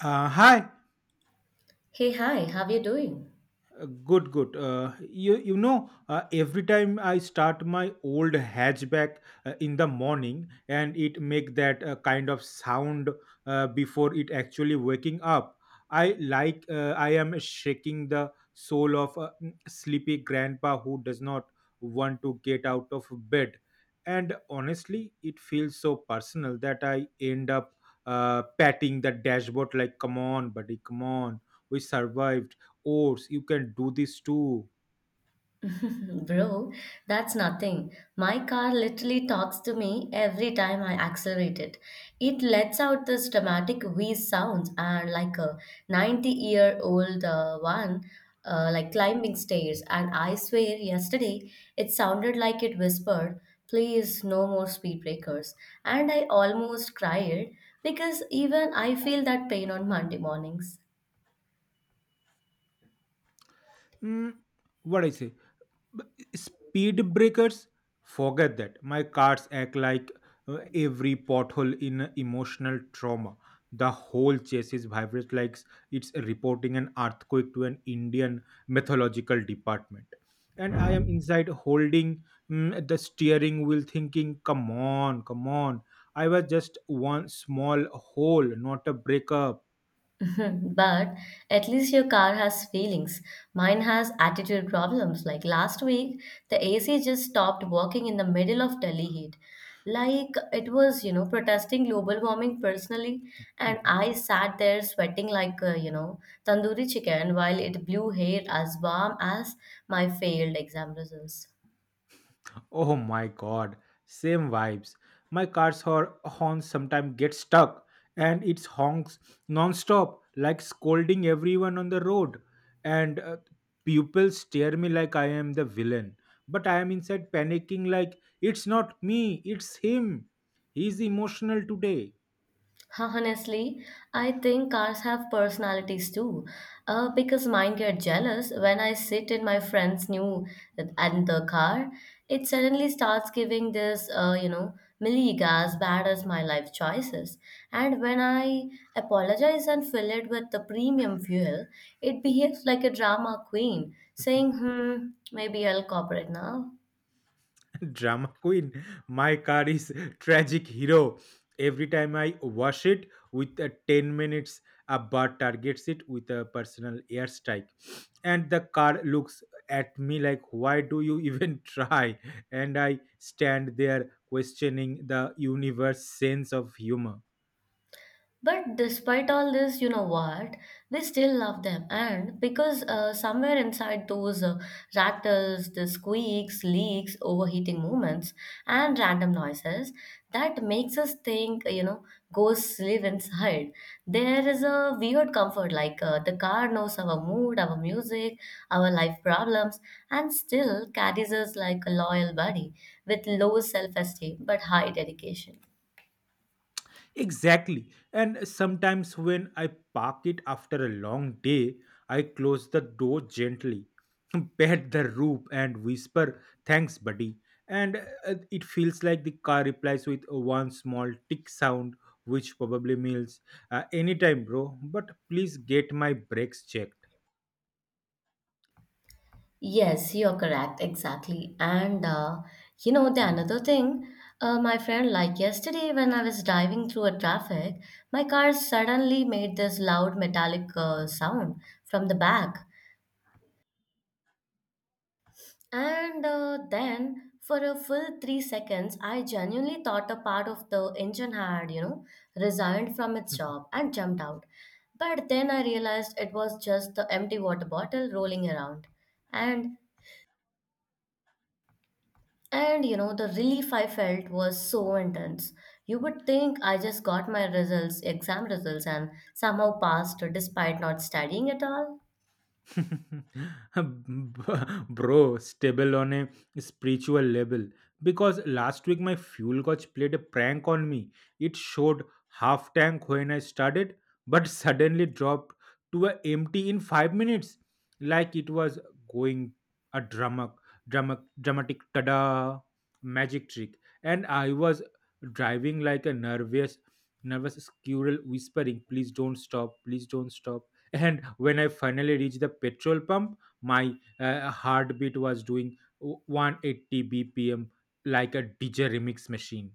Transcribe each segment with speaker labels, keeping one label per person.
Speaker 1: Hi.
Speaker 2: Hey, hi, how you doing?
Speaker 1: Good, good. You know, every time I start my old hatchback in the morning, and it make that kind of sound before it actually waking up. I like I am shaking the soul of a sleepy grandpa who does not want to get out of bed. And honestly, it feels so personal that I end up patting the dashboard like, "Come on, buddy, come on. We survived oats, you can do this too."
Speaker 2: Bro, that's nothing. My car literally talks to me every time I accelerate it. It lets out this dramatic wheeze sounds and like a 90-year-old one, like climbing stairs. And I swear, yesterday it sounded like it whispered, "Please, no more speed breakers." And I almost cried because even I feel that pain on Monday mornings.
Speaker 1: Hmm, what I say? But speed breakers, forget that. My cars act like every pothole in a emotional trauma. The whole chassis vibrates like it's reporting an earthquake to an Indian mythological department, and I am inside holding the steering wheel thinking, come on, come on, I was just one small hole, not a breakup.
Speaker 2: But at least your car has feelings. Mine has attitude problems. Like last week, the AC just stopped working in the middle of Delhi heat. Like it was, you know, protesting global warming personally. And I sat there sweating like, you know, tandoori chicken while it blew hair as warm as my failed exam results.
Speaker 1: Oh my god, same vibes. My car's horn sometimes gets stuck and it honks non-stop like scolding everyone on the road, and people stare me like I am the villain. But I am inside panicking like, it's not me, it's him. He's emotional today.
Speaker 2: Huh, honestly, I think cars have personalities too. Because mine get jealous when I sit in my friend's new and the car. It suddenly starts giving this, you know, milli as bad as my life choices. And when I apologize and fill it with the premium fuel, it behaves like a drama queen, saying, "Hmm, maybe I'll cooperate now."
Speaker 1: Drama queen. My car is tragic hero. Every time I wash it with a 10 minutes, a bird targets it with a personal airstrike. And the car looks at me like, why do you even try? And I stand there questioning the universe sense of humor.
Speaker 2: But despite all this, you know what? We still love them. And because somewhere inside those rattles, the squeaks, leaks, overheating movements, and random noises, that makes us think, you know, ghosts live inside. There is a weird comfort, like the car knows our mood, our music, our life problems, and still carries us like a loyal buddy with low self esteem but high dedication.
Speaker 1: Exactly. And sometimes when I park it after a long day, I close the door gently, pat the roof, and whisper, "Thanks, buddy." And it feels like the car replies with one small tick sound, which probably means anytime, bro. But please get my brakes checked.
Speaker 2: Yes, you're correct. Exactly. And you know, the another thing, my friend, like yesterday when I was driving through a traffic, my car suddenly made this loud metallic sound from the back. And then for a full 3 seconds, I genuinely thought a part of the engine had, you know, resigned from its job and jumped out. But then I realized it was just the empty water bottle rolling around. And And you know, the relief I felt was so intense. You would think I just got my results, exam results, and somehow passed despite not studying at all.
Speaker 1: Bro, stable on a spiritual level. Because last week my fuel gauge played a prank on me. It showed half tank when I started, but suddenly dropped to a empty in 5 minutes, like it was going a drama, dramatic tada magic trick. And I was driving like a nervous squirrel, whispering, "Please don't stop! Please don't stop!" And when I finally reached the petrol pump, my heartbeat was doing 180 bpm like a dj remix machine.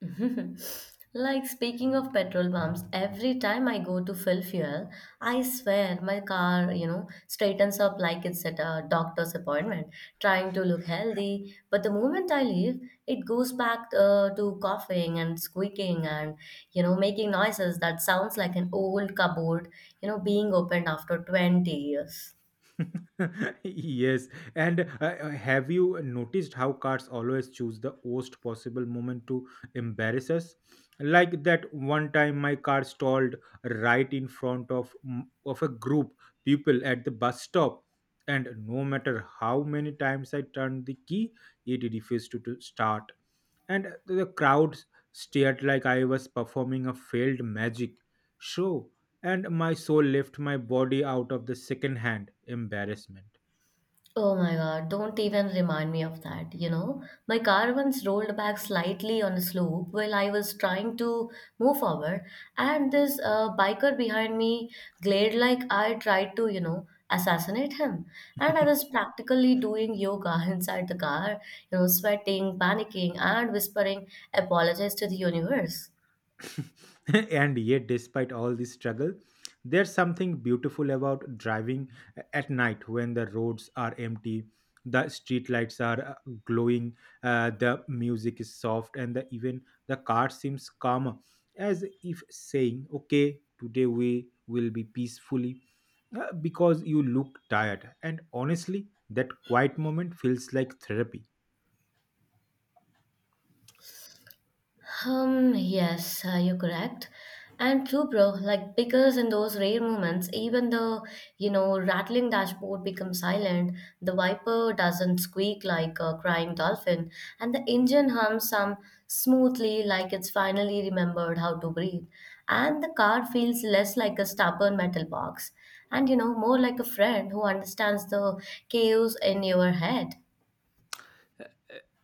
Speaker 2: Like speaking of petrol pumps, every time I go to fill fuel, I swear my car, you know, straightens up like it's at a doctor's appointment, trying to look healthy. But the moment I leave, it goes back to coughing and squeaking and, you know, making noises that sounds like an old cupboard, you know, being opened after 20 years.
Speaker 1: yes. And have you noticed how cars always choose the worst possible moment to embarrass us? Like that one time my car stalled right in front of a group people at the bus stop, and no matter how many times I turned the key, it refused to start, and the crowds stared like I was performing a failed magic show, and my soul left my body out of the second hand embarrassment.
Speaker 2: Oh my God, don't even remind me of that, you know. My car once rolled back slightly on a slope while I was trying to move forward, and this biker behind me glared like I tried to, you know, assassinate him. And I was practically doing yoga inside the car, you know, sweating, panicking, and whispering apologies to the universe.
Speaker 1: and yet, despite all this struggle, there's something beautiful about driving at night when the roads are empty, the street lights are glowing, the music is soft, and the, even the car seems calmer, as if saying, "Okay, today we will be peacefully. Because you look tired," and honestly, that quiet moment feels like therapy.
Speaker 2: Yes, you're correct. And true, bro, like because in those rare moments, even the, you know, rattling dashboard becomes silent, the wiper doesn't squeak like a crying dolphin, and the engine hums some smoothly like it's finally remembered how to breathe. And the car feels less like a stubborn metal box, and you know, more like a friend who understands the chaos in your head.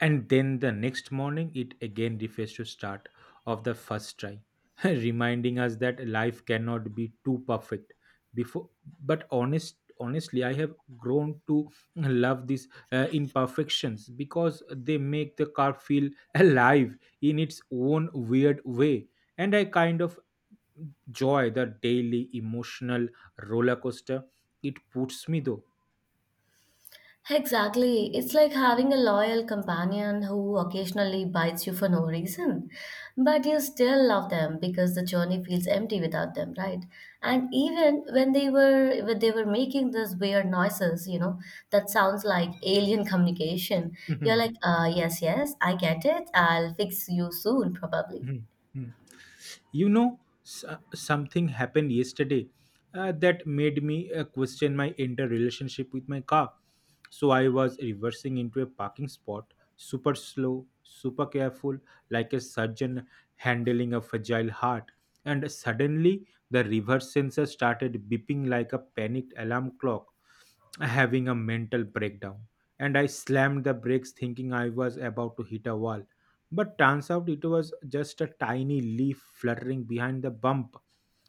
Speaker 1: And then the next morning it again refuses to start of the first try, reminding us that life cannot be too perfect before. But honestly I have grown to love these imperfections because they make the car feel alive in its own weird way, and I kind of enjoy the daily emotional roller coaster it puts me though.
Speaker 2: Exactly. It's like having a loyal companion who occasionally bites you for no reason. But you still love them because the journey feels empty without them, right? And even when they were making these weird noises, you know, that sounds like alien communication. You're like, yes, yes, I get it. I'll fix you soon, probably.
Speaker 1: You know, something happened yesterday that made me question my entire relationship with my car. So I was reversing into a parking spot, super slow, super careful, like a surgeon handling a fragile heart. And suddenly, the reverse sensor started beeping like a panicked alarm clock, having a mental breakdown. And I slammed the brakes thinking I was about to hit a wall, but turns out it was just a tiny leaf fluttering behind the bump,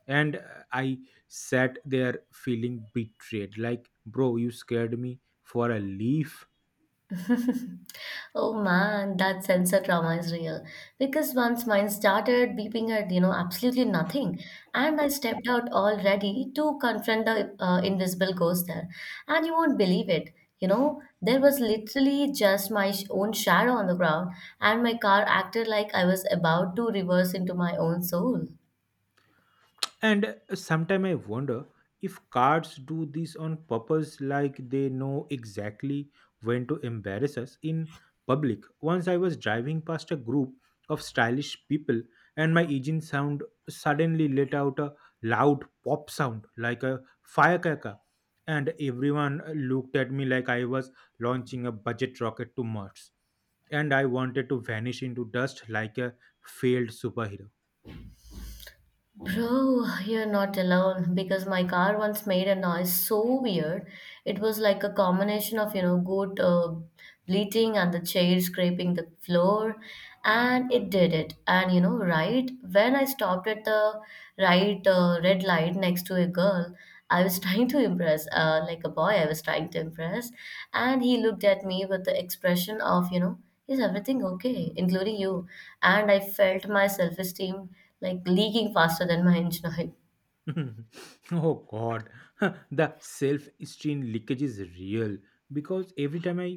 Speaker 1: and I sat there feeling betrayed like, bro, you scared me for a leaf.
Speaker 2: Oh man, that sensor trauma is real. Because once mine started beeping at, you know, absolutely nothing, and I stepped out all ready to confront the invisible ghost there. And you won't believe it. You know, there was literally just own shadow on the ground, and my car acted like I was about to reverse into my own soul.
Speaker 1: And sometimes I wonder if cards do this on purpose, like they know exactly when to embarrass us in public. Once I was driving past a group of stylish people, and my engine sound suddenly let out a loud pop sound like a firecracker, and everyone looked at me like I was launching a budget rocket to Mars, and I wanted to vanish into dust like a failed superhero.
Speaker 2: Bro, you're not alone because my car once made a noise so weird. It was like a combination of, you know, good bleating and the chair scraping the floor. And it did it. And, you know, right when I stopped at the right red light next to a girl, I was trying to impress, like a boy, I was trying to impress. And he looked at me with the expression of, you know, is everything okay, including you? And I felt my self esteem like leaking faster than my engine oil.
Speaker 1: oh god, the self-esteem leakage is real, because every time I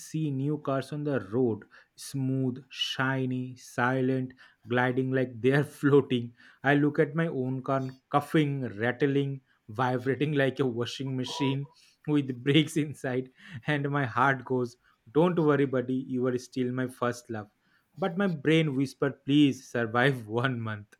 Speaker 1: see new cars on the road, smooth, shiny, silent, gliding like they are floating, I look at my own car coughing, rattling, vibrating like a washing machine with brakes inside, and my heart goes, don't worry buddy, you are still my first love, but my brain whispered, please survive 1 month.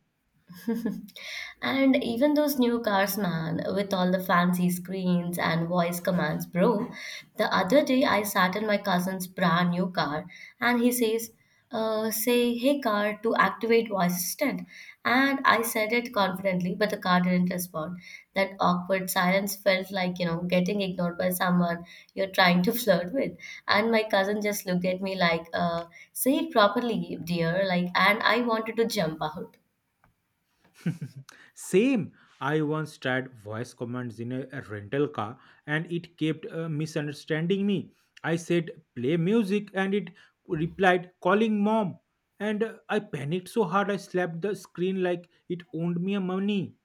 Speaker 2: And even those new cars, man, with all the fancy screens and voice commands, bro. The other day I sat in my cousin's brand new car and he says, say, "Hey car," to activate voice assistant. And I said it confidently, but the car didn't respond. That awkward silence felt like, you know, getting ignored by someone you're trying to flirt with. And my cousin just looked at me like, say it properly, dear, like, and I wanted to jump out.
Speaker 1: Same. I once tried voice commands in a rental car and it kept misunderstanding me. I said, "Play music," and it replied, "Calling mom." And I panicked so hard I slapped the screen like it owned me a money,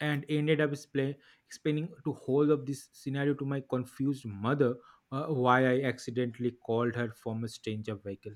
Speaker 1: and ended up explaining to whole of this scenario to my confused mother why I accidentally called her from a stranger vehicle.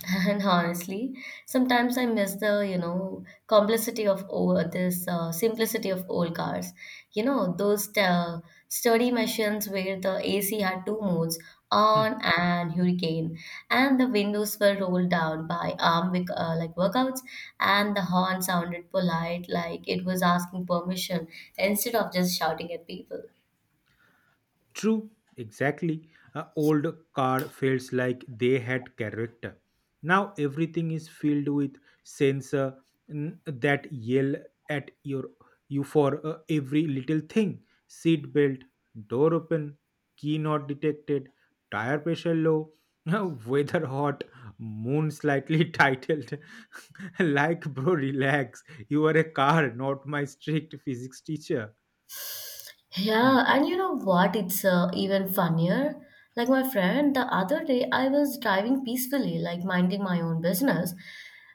Speaker 2: And honestly, sometimes I miss the, you know, complicity of old, this simplicity of old cars. You know, those sturdy machines where the AC had two modes, on and hurricane, and the windows were rolled down by like workouts, and the horn sounded polite, like it was asking permission instead of just shouting at people.
Speaker 1: True, exactly. A old car feels like they had character. Now everything is filled with sensor that yell at you for every little thing. Seat belt, door open, key not detected, tire pressure low, weather hot, moon slightly titled. like bro, relax. You are a car, not my strict physics teacher.
Speaker 2: Yeah, and you know what? It's even funnier. Like my friend, the other day I was driving peacefully, like minding my own business,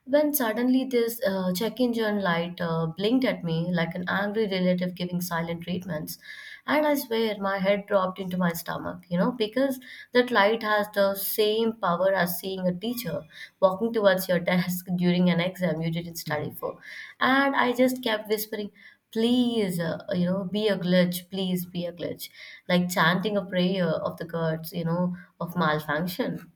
Speaker 2: when suddenly this check engine light blinked at me like an angry relative giving silent treatments. And I swear my head dropped into my stomach, you know, because that light has the same power as seeing a teacher walking towards your desk during an exam you didn't study for. And I just kept whispering, please you know, be a glitch, please be a glitch, like chanting a prayer of the gods, you know, of malfunction.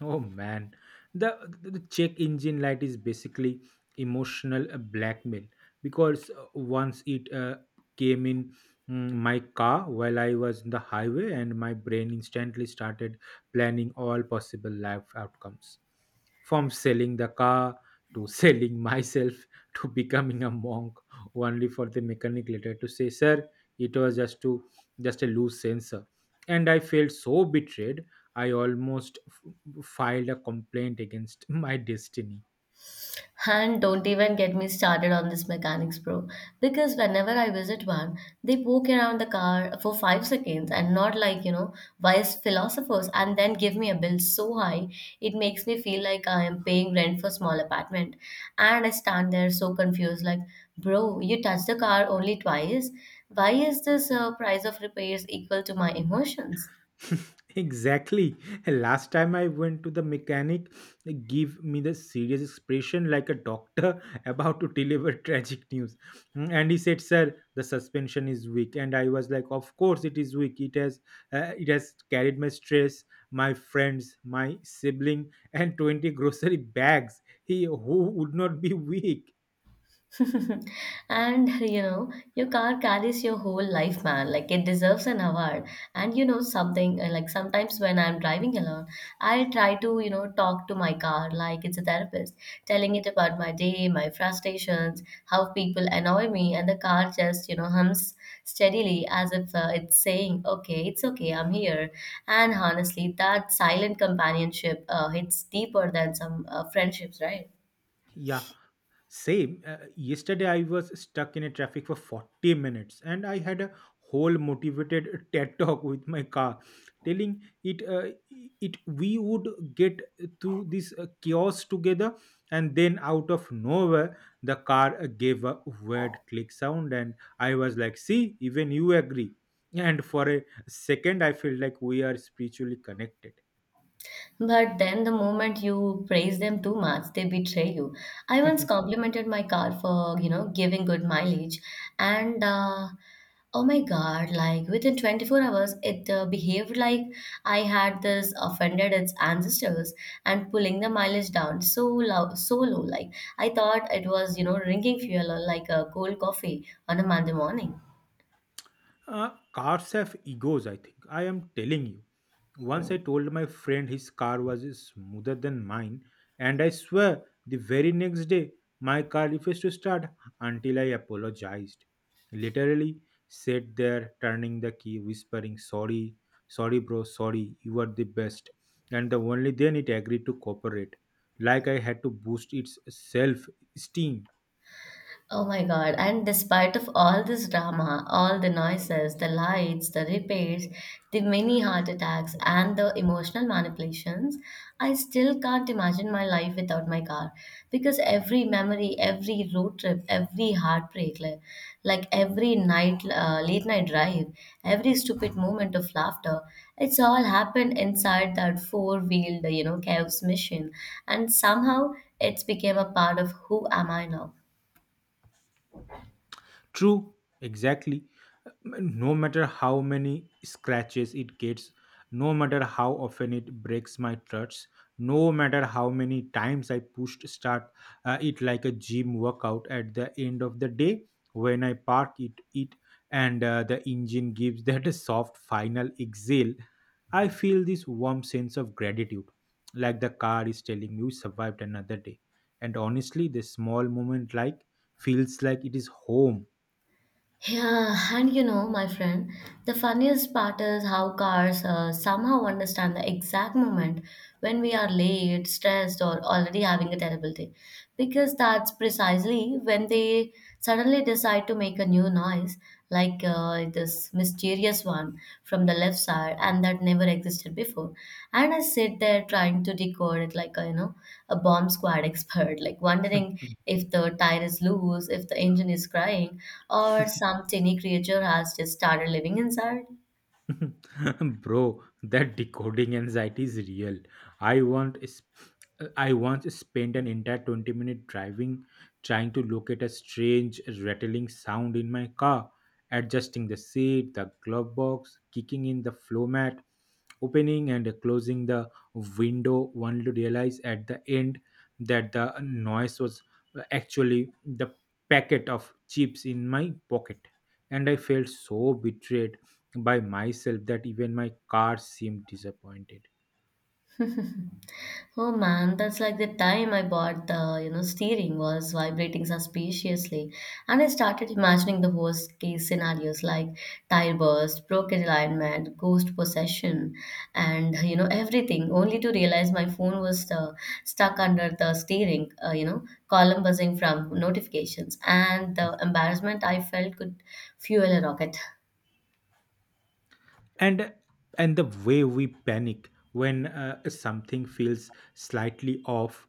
Speaker 1: Oh man, the, the check engine light is basically emotional blackmail, because once it came in my car while I was in the highway, and my brain instantly started planning all possible life outcomes, from selling the car to selling myself to becoming a monk, only for the mechanic later to say, "Sir, it was just a loose sensor," and I felt so betrayed. I almost filed a complaint against my destiny.
Speaker 2: And don't even get me started on this mechanics, bro. Because whenever I visit one, they poke around the car for 5 seconds and not like, you know, wise philosophers and then give me a bill so high it makes me feel like I am paying rent for small apartment. And I stand there so confused, like, bro, you touched the car only twice. Why is this price of repairs equal to my emotions?
Speaker 1: exactly. Last time I went to the mechanic, they give me the serious expression like a doctor about to deliver tragic news. Mm, and he said, "Sir, the suspension is weak." And I was like, "Of course it is weak. It has it has carried my stress, my friends, my sibling, and 20 grocery bags. He who would not be weak?"
Speaker 2: And you know your car carries your whole life, man, like it deserves an award. And you know something, like sometimes when I'm driving alone, I'll try to, you know, talk to my car like it's a therapist, telling it about my day, my frustrations, how people annoy me, and the car just, you know, hums steadily as if it's saying, okay, it's okay, I'm here. And honestly, that silent companionship hits deeper than some friendships, right?
Speaker 1: Yeah, same. Yesterday, I was stuck in a traffic for 40 minutes and I had a whole motivated TED talk with my car telling it it we would get through this chaos together. And then out of nowhere the car gave a weird click sound and I was like, see, even you agree. And for a second I feel like we are spiritually connected.
Speaker 2: But then the moment you praise them too much, they betray you. I once complimented my car for, you know, giving good mileage. And oh my God, like within 24 hours, it behaved like I had this offended its ancestors and pulling the mileage down so low, so low. Like I thought it was, you know, drinking fuel or like a cold coffee on a Monday morning.
Speaker 1: Cars have egos, I think. I am telling you. Once I told my friend his car was smoother than mine, and I swear the very next day my car refused to start until I apologized. Literally sat there turning the key, whispering, "Sorry, sorry, bro, sorry, you are the best." And the only then it agreed to cooperate, like I had to boost its self esteem.
Speaker 2: Oh my God. And despite of all this drama, all the noises, the lights, the repairs, the many heart attacks and the emotional manipulations, I still can't imagine my life without my car because every memory, every road trip, every heartbreak, like every night late night drive, every stupid moment of laughter, it's all happened inside that four-wheeled, you know, chaos machine and somehow it's became a part of who am I now.
Speaker 1: True, exactly. No matter how many scratches it gets, no matter how often it breaks my trust, no matter how many times I pushed start, it like a gym workout, at the end of the day when I park it and the engine gives that a soft final exhale, I feel this warm sense of gratitude, like the car is telling you survived another day. And honestly this small moment like feels like it is home.
Speaker 2: Yeah, and you know, my friend, the funniest part is how cars somehow understand the exact moment when we are late, stressed, or already having a terrible day. Because that's precisely when they suddenly decide to make a new noise, like this mysterious one from the left side and that never existed before, and I sit there trying to decode it like a, you know, a bomb squad expert, like wondering if the tire is loose, if the engine is crying, or some tiny creature has just started living inside.
Speaker 1: Bro, that decoding anxiety is real. I want is I once spent an entire 20-minute driving trying to locate a strange rattling sound in my car, adjusting the seat, the glove box, kicking in the flow mat, opening and closing the window, only to realize at the end that the noise was actually the packet of chips in my pocket. And I felt so betrayed by myself that even my car seemed disappointed.
Speaker 2: Oh man, that's like the time I bought the, you know, steering was vibrating suspiciously. And I started imagining the worst case scenarios like tire burst, broken alignment, ghost possession, and, you know, everything, only to realize my phone was stuck under the steering, you know, column buzzing from notifications. And the embarrassment I felt could fuel a rocket.
Speaker 1: and and the way we panic when something feels slightly off,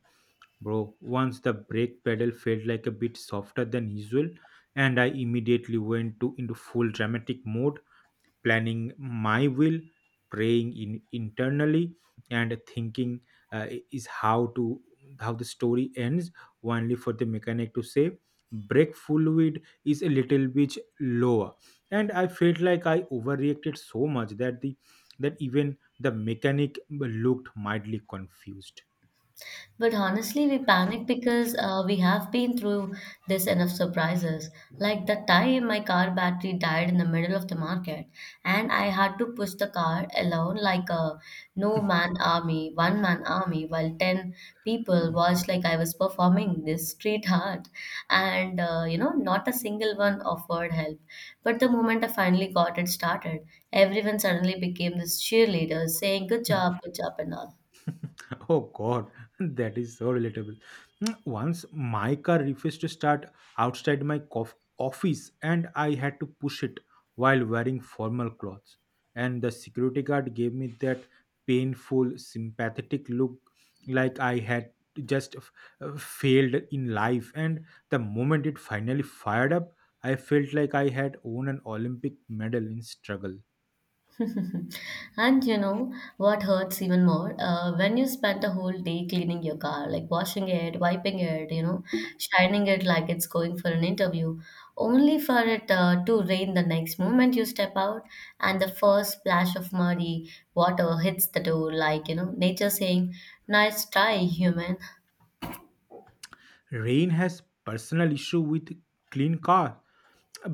Speaker 1: bro, once the brake pedal felt like a bit softer than usual and I immediately went to into full dramatic mode, planning my will, praying in internally, and thinking, is how to how the story ends, only for the mechanic to say, "Break full weed is a little bit lower," and I felt like I overreacted so much that the that even the mechanic looked mildly confused.
Speaker 2: But honestly, we panic because we have been through this enough surprises. Like that time my car battery died in the middle of the market, and I had to push the car alone like a no man army, one man army, while 10 people watched like I was performing this street art. Not a single one offered help. But the moment I finally got it started, everyone suddenly became this cheerleader saying, "Good job, good job," and all.
Speaker 1: Oh God, that is so relatable. Mm, once my car refused to start outside my office, and I had to push it while wearing formal clothes. And the security guard gave me that painful, sympathetic look, like I had just failed in life. And the moment it finally fired up, I felt like I had won an Olympic medal in struggle.
Speaker 2: And you know what hurts even more? When you spend a whole day cleaning your car, like washing it, wiping it, shining it like it's going for an interview, only for it to rain the next moment you step out, and the first splash of muddy water hits the door, like, you know, nature saying, "Nice try, human."
Speaker 1: Rain has personal issue with clean car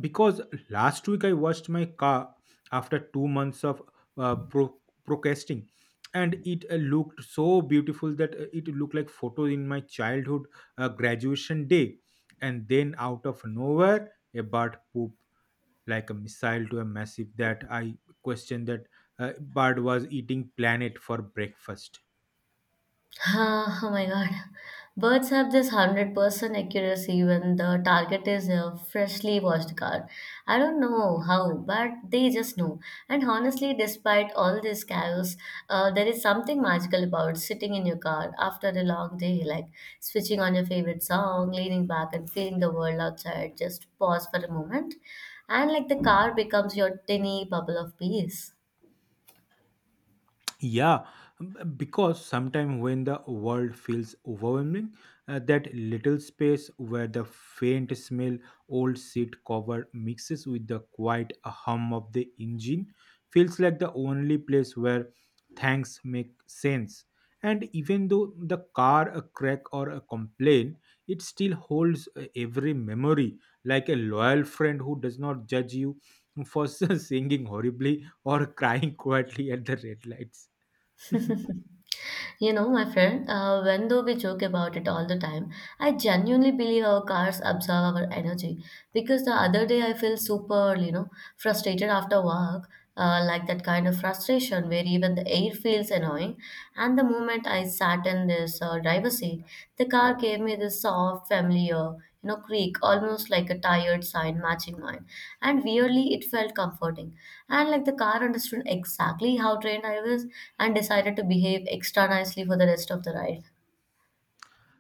Speaker 1: because last week I washed my car after 2 months of uh, pro- procrastinating, and it looked so beautiful that it looked like photo in my childhood graduation day. And then out of nowhere, a bird pooped like a missile to a massive that I questioned that bird was eating planet for breakfast.
Speaker 2: Ah, oh my god. Birds have this 100% accuracy when the target is a freshly washed car. I don't know how, but they just know. And honestly, despite all this chaos, there is something magical about sitting in your car after a long day, like switching on your favorite song, leaning back, and feeling the world outside just pause for a moment, and like the car becomes your tiny bubble of peace.
Speaker 1: Yeah, because sometimes when the world feels overwhelming, that little space where the faint smell old seat cover mixes with the quiet hum of the engine feels like the only place where things make sense. And even though the car a crack or a complaint, it still holds every memory like a loyal friend who does not judge you for singing horribly or crying quietly at the red lights.
Speaker 2: You know, my friend, when though we joke about it all the time, I genuinely believe our cars absorb our energy. Because the other day I felt super, you know, frustrated after work, like that kind of frustration where even the air feels annoying. And the moment I sat in this driver's seat, the car gave me this soft, familiar, you know, creak, almost like a tired sign matching mine. And weirdly, it felt comforting. And like the car understood exactly how trained I was and decided to behave extra nicely for the rest of the ride.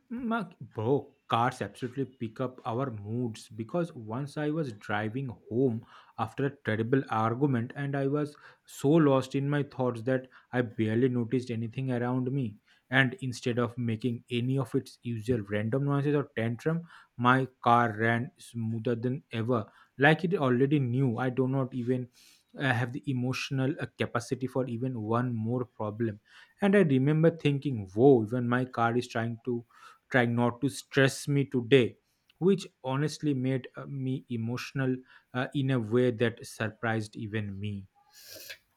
Speaker 1: Bro, cars absolutely pick up our moods because once I was driving home after a terrible argument, and I was so lost in my thoughts that I barely noticed anything around me. And instead of making any of its usual random noises or tantrum, my car ran smoother than ever, like it already knew I do not even have the emotional capacity for even one more problem. And I remember thinking, whoa, even my car is trying not to stress me today, which honestly made me emotional in a way that surprised even me.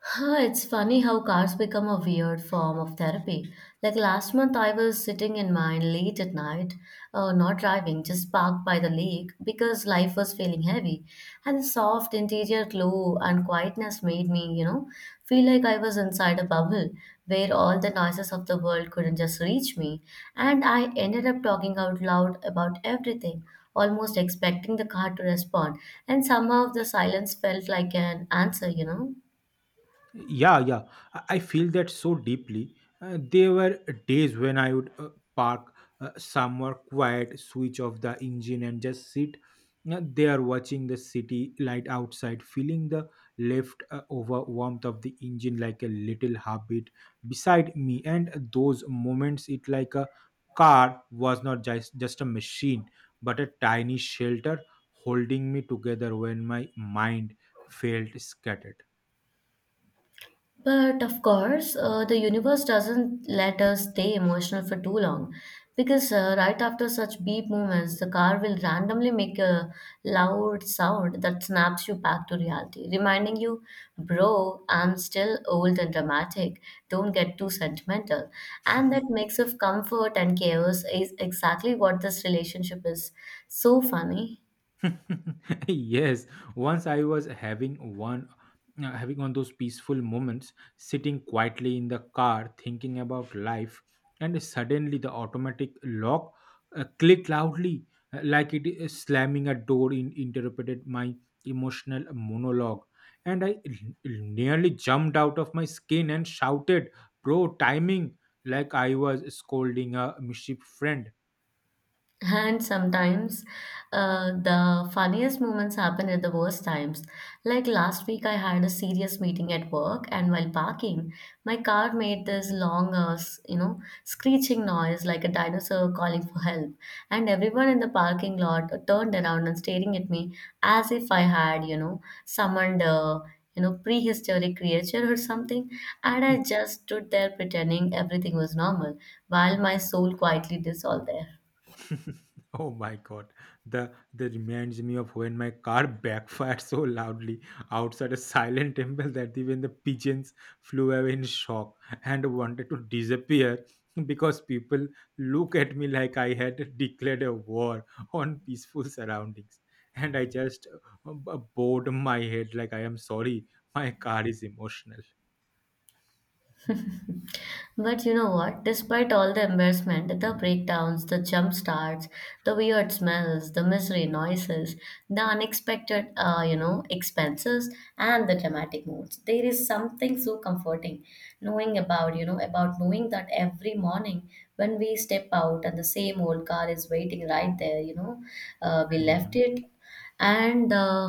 Speaker 2: Huh, it's funny how cars become a weird form of therapy. Like last month, I was sitting in mine late at night, not driving, just parked by the lake because life was feeling heavy. And the soft interior glow and quietness made me, you know, feel like I was inside a bubble where all the noises of the world couldn't just reach me. And I ended up talking out loud about everything, almost expecting the car to respond. And somehow the silence felt like an answer, you know.
Speaker 1: Yeah, yeah. I feel that so deeply. There were days when I would park somewhere quiet, switch off the engine, and just sit there watching the city light outside, feeling the left over warmth of the engine like a little heartbeat beside me. And those moments, it like a car was not just a machine, but a tiny shelter holding me together when my mind felt scattered.
Speaker 2: But of course, the universe doesn't let us stay emotional for too long because right after such beep moments, the car will randomly make a loud sound that snaps you back to reality, reminding you, bro, I'm still old and dramatic, don't get too sentimental. And that mix of comfort and chaos is exactly what this relationship is. So funny.
Speaker 1: Yes, once I was having one those peaceful moments sitting quietly in the car thinking about life, and suddenly the automatic lock clicked loudly like it is slamming a door in interrupted my emotional monologue, and nearly jumped out of my skin and shouted, bro timing, like I was scolding a mischief friend.
Speaker 2: And sometimes the funniest moments happen at the worst times. Like last week, I had a serious meeting at work, and while parking, my car made this long, you know, screeching noise like a dinosaur calling for help. And everyone in the parking lot turned around and staring at me as if I had, you know, summoned a, you know, prehistoric creature or something. And I just stood there pretending everything was normal while my soul quietly dissolved there.
Speaker 1: Oh my God. The That reminds me of when my car backfired so loudly outside a silent temple that even the pigeons flew away in shock and wanted to disappear because people look at me like I had declared a war on peaceful surroundings. And I just bowed my head like I am sorry, my car is emotional. Hmm.
Speaker 2: But you know what? Despite all the embarrassment, the breakdowns, the jump starts, the weird smells, the misery noises, the unexpected, expenses, and the dramatic moods, there is something so comforting knowing about knowing that every morning when we step out and the same old car is waiting right there, you know, we
Speaker 1: Hmm,
Speaker 2: left
Speaker 1: hmm.
Speaker 2: it and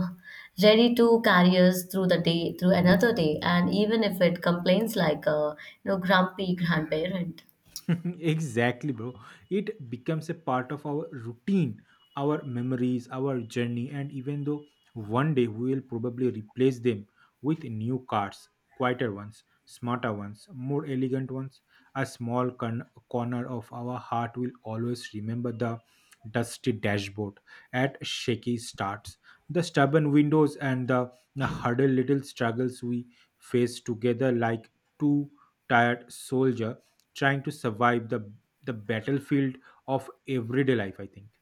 Speaker 2: ready to carry us through the day, through another day, and even if it complains like a, you know, grumpy grandparent.
Speaker 1: Exactly, bro. It becomes a part of our routine, our memories, our journey, and even though one day we will probably replace them with new cars, quieter ones, smarter ones, more elegant ones, a small corner of our heart will always remember the dusty dashboard at shaky starts, the stubborn windows, and the harder little struggles we face together like two tired soldiers trying to survive the battlefield of everyday life, I think.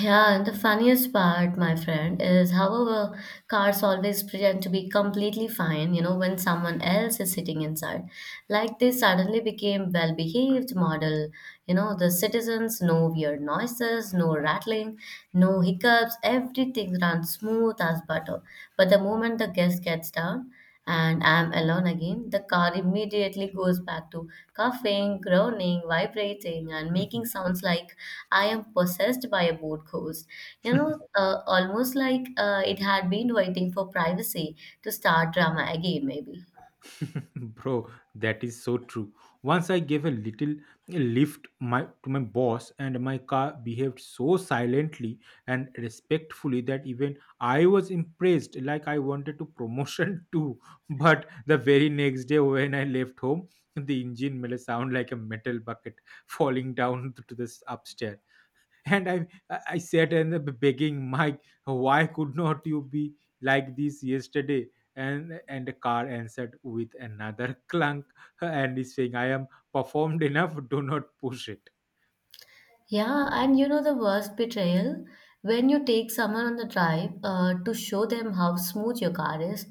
Speaker 2: Yeah, and the funniest part, my friend, is however, cars always pretend to be completely fine, you know, when someone else is sitting inside. Like they suddenly became well behaved model, you know, the citizens, no weird noises, no rattling, no hiccups, everything runs smooth as butter. But the moment the guest gets down, and am alone again, the car immediately goes back to coughing, groaning, vibrating, and making sounds like I am possessed by a boat ghost. You know, almost like it had been waiting for privacy to start drama again, maybe.
Speaker 1: Bro, that is so true. Once I gave a little lift my to my boss, and my car behaved so silently and respectfully that even I was impressed, like I wanted to promotion too. But the very next day when I left home, the engine made a sound like a metal bucket falling down to this upstairs, and I I said and begging mike, why could not you be like this yesterday? And the car answered with another clunk and is saying I am performed enough, do not push it.
Speaker 2: Yeah, and you know the worst betrayal? When you take someone on the drive to show them how smooth your car is,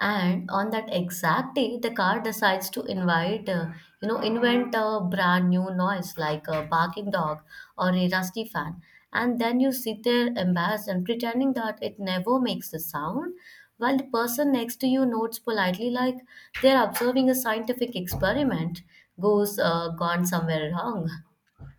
Speaker 2: and on that exact day, the car decides to invent a brand new noise like a barking dog or a rusty fan. And then you sit there embarrassed and pretending that it never makes the sound, while the person next to you notes politely like they're observing a scientific experiment goes gone somewhere wrong.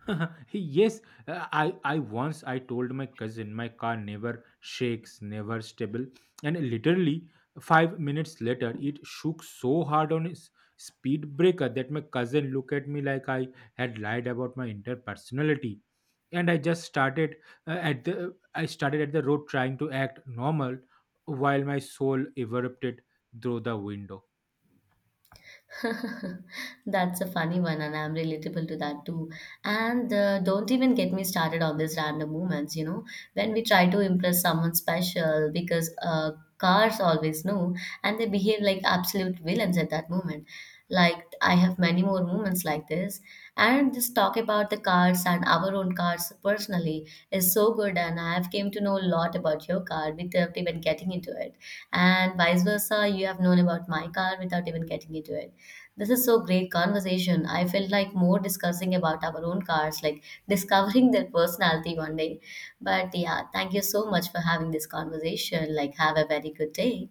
Speaker 1: Yes, I once I told my cousin my car never shakes, never stable, and literally 5 minutes later it shook so hard on its speed breaker that my cousin looked at me like I had lied about my entire personality, and I just started at the I started at the road trying to act normal while my soul erupted through the window.
Speaker 2: That's a funny one, and I'm relatable to that too. And don't even get me started on these random moments, you know, when we try to impress someone special because cars always know and they behave like absolute villains at that moment. Like, I have many more moments like this. And this talk about the cars and our own cars personally is so good, and I've came to know a lot about your car without even getting into it, and vice versa, you have known about my car without even getting into it. This is so great conversation. I felt like more discussing about our own cars, like discovering their personality one day. But yeah, thank you so much for having this conversation. Like, have a very good day.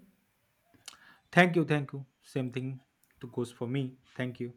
Speaker 1: Thank you, thank you. Same thing to goes for me. Thank you.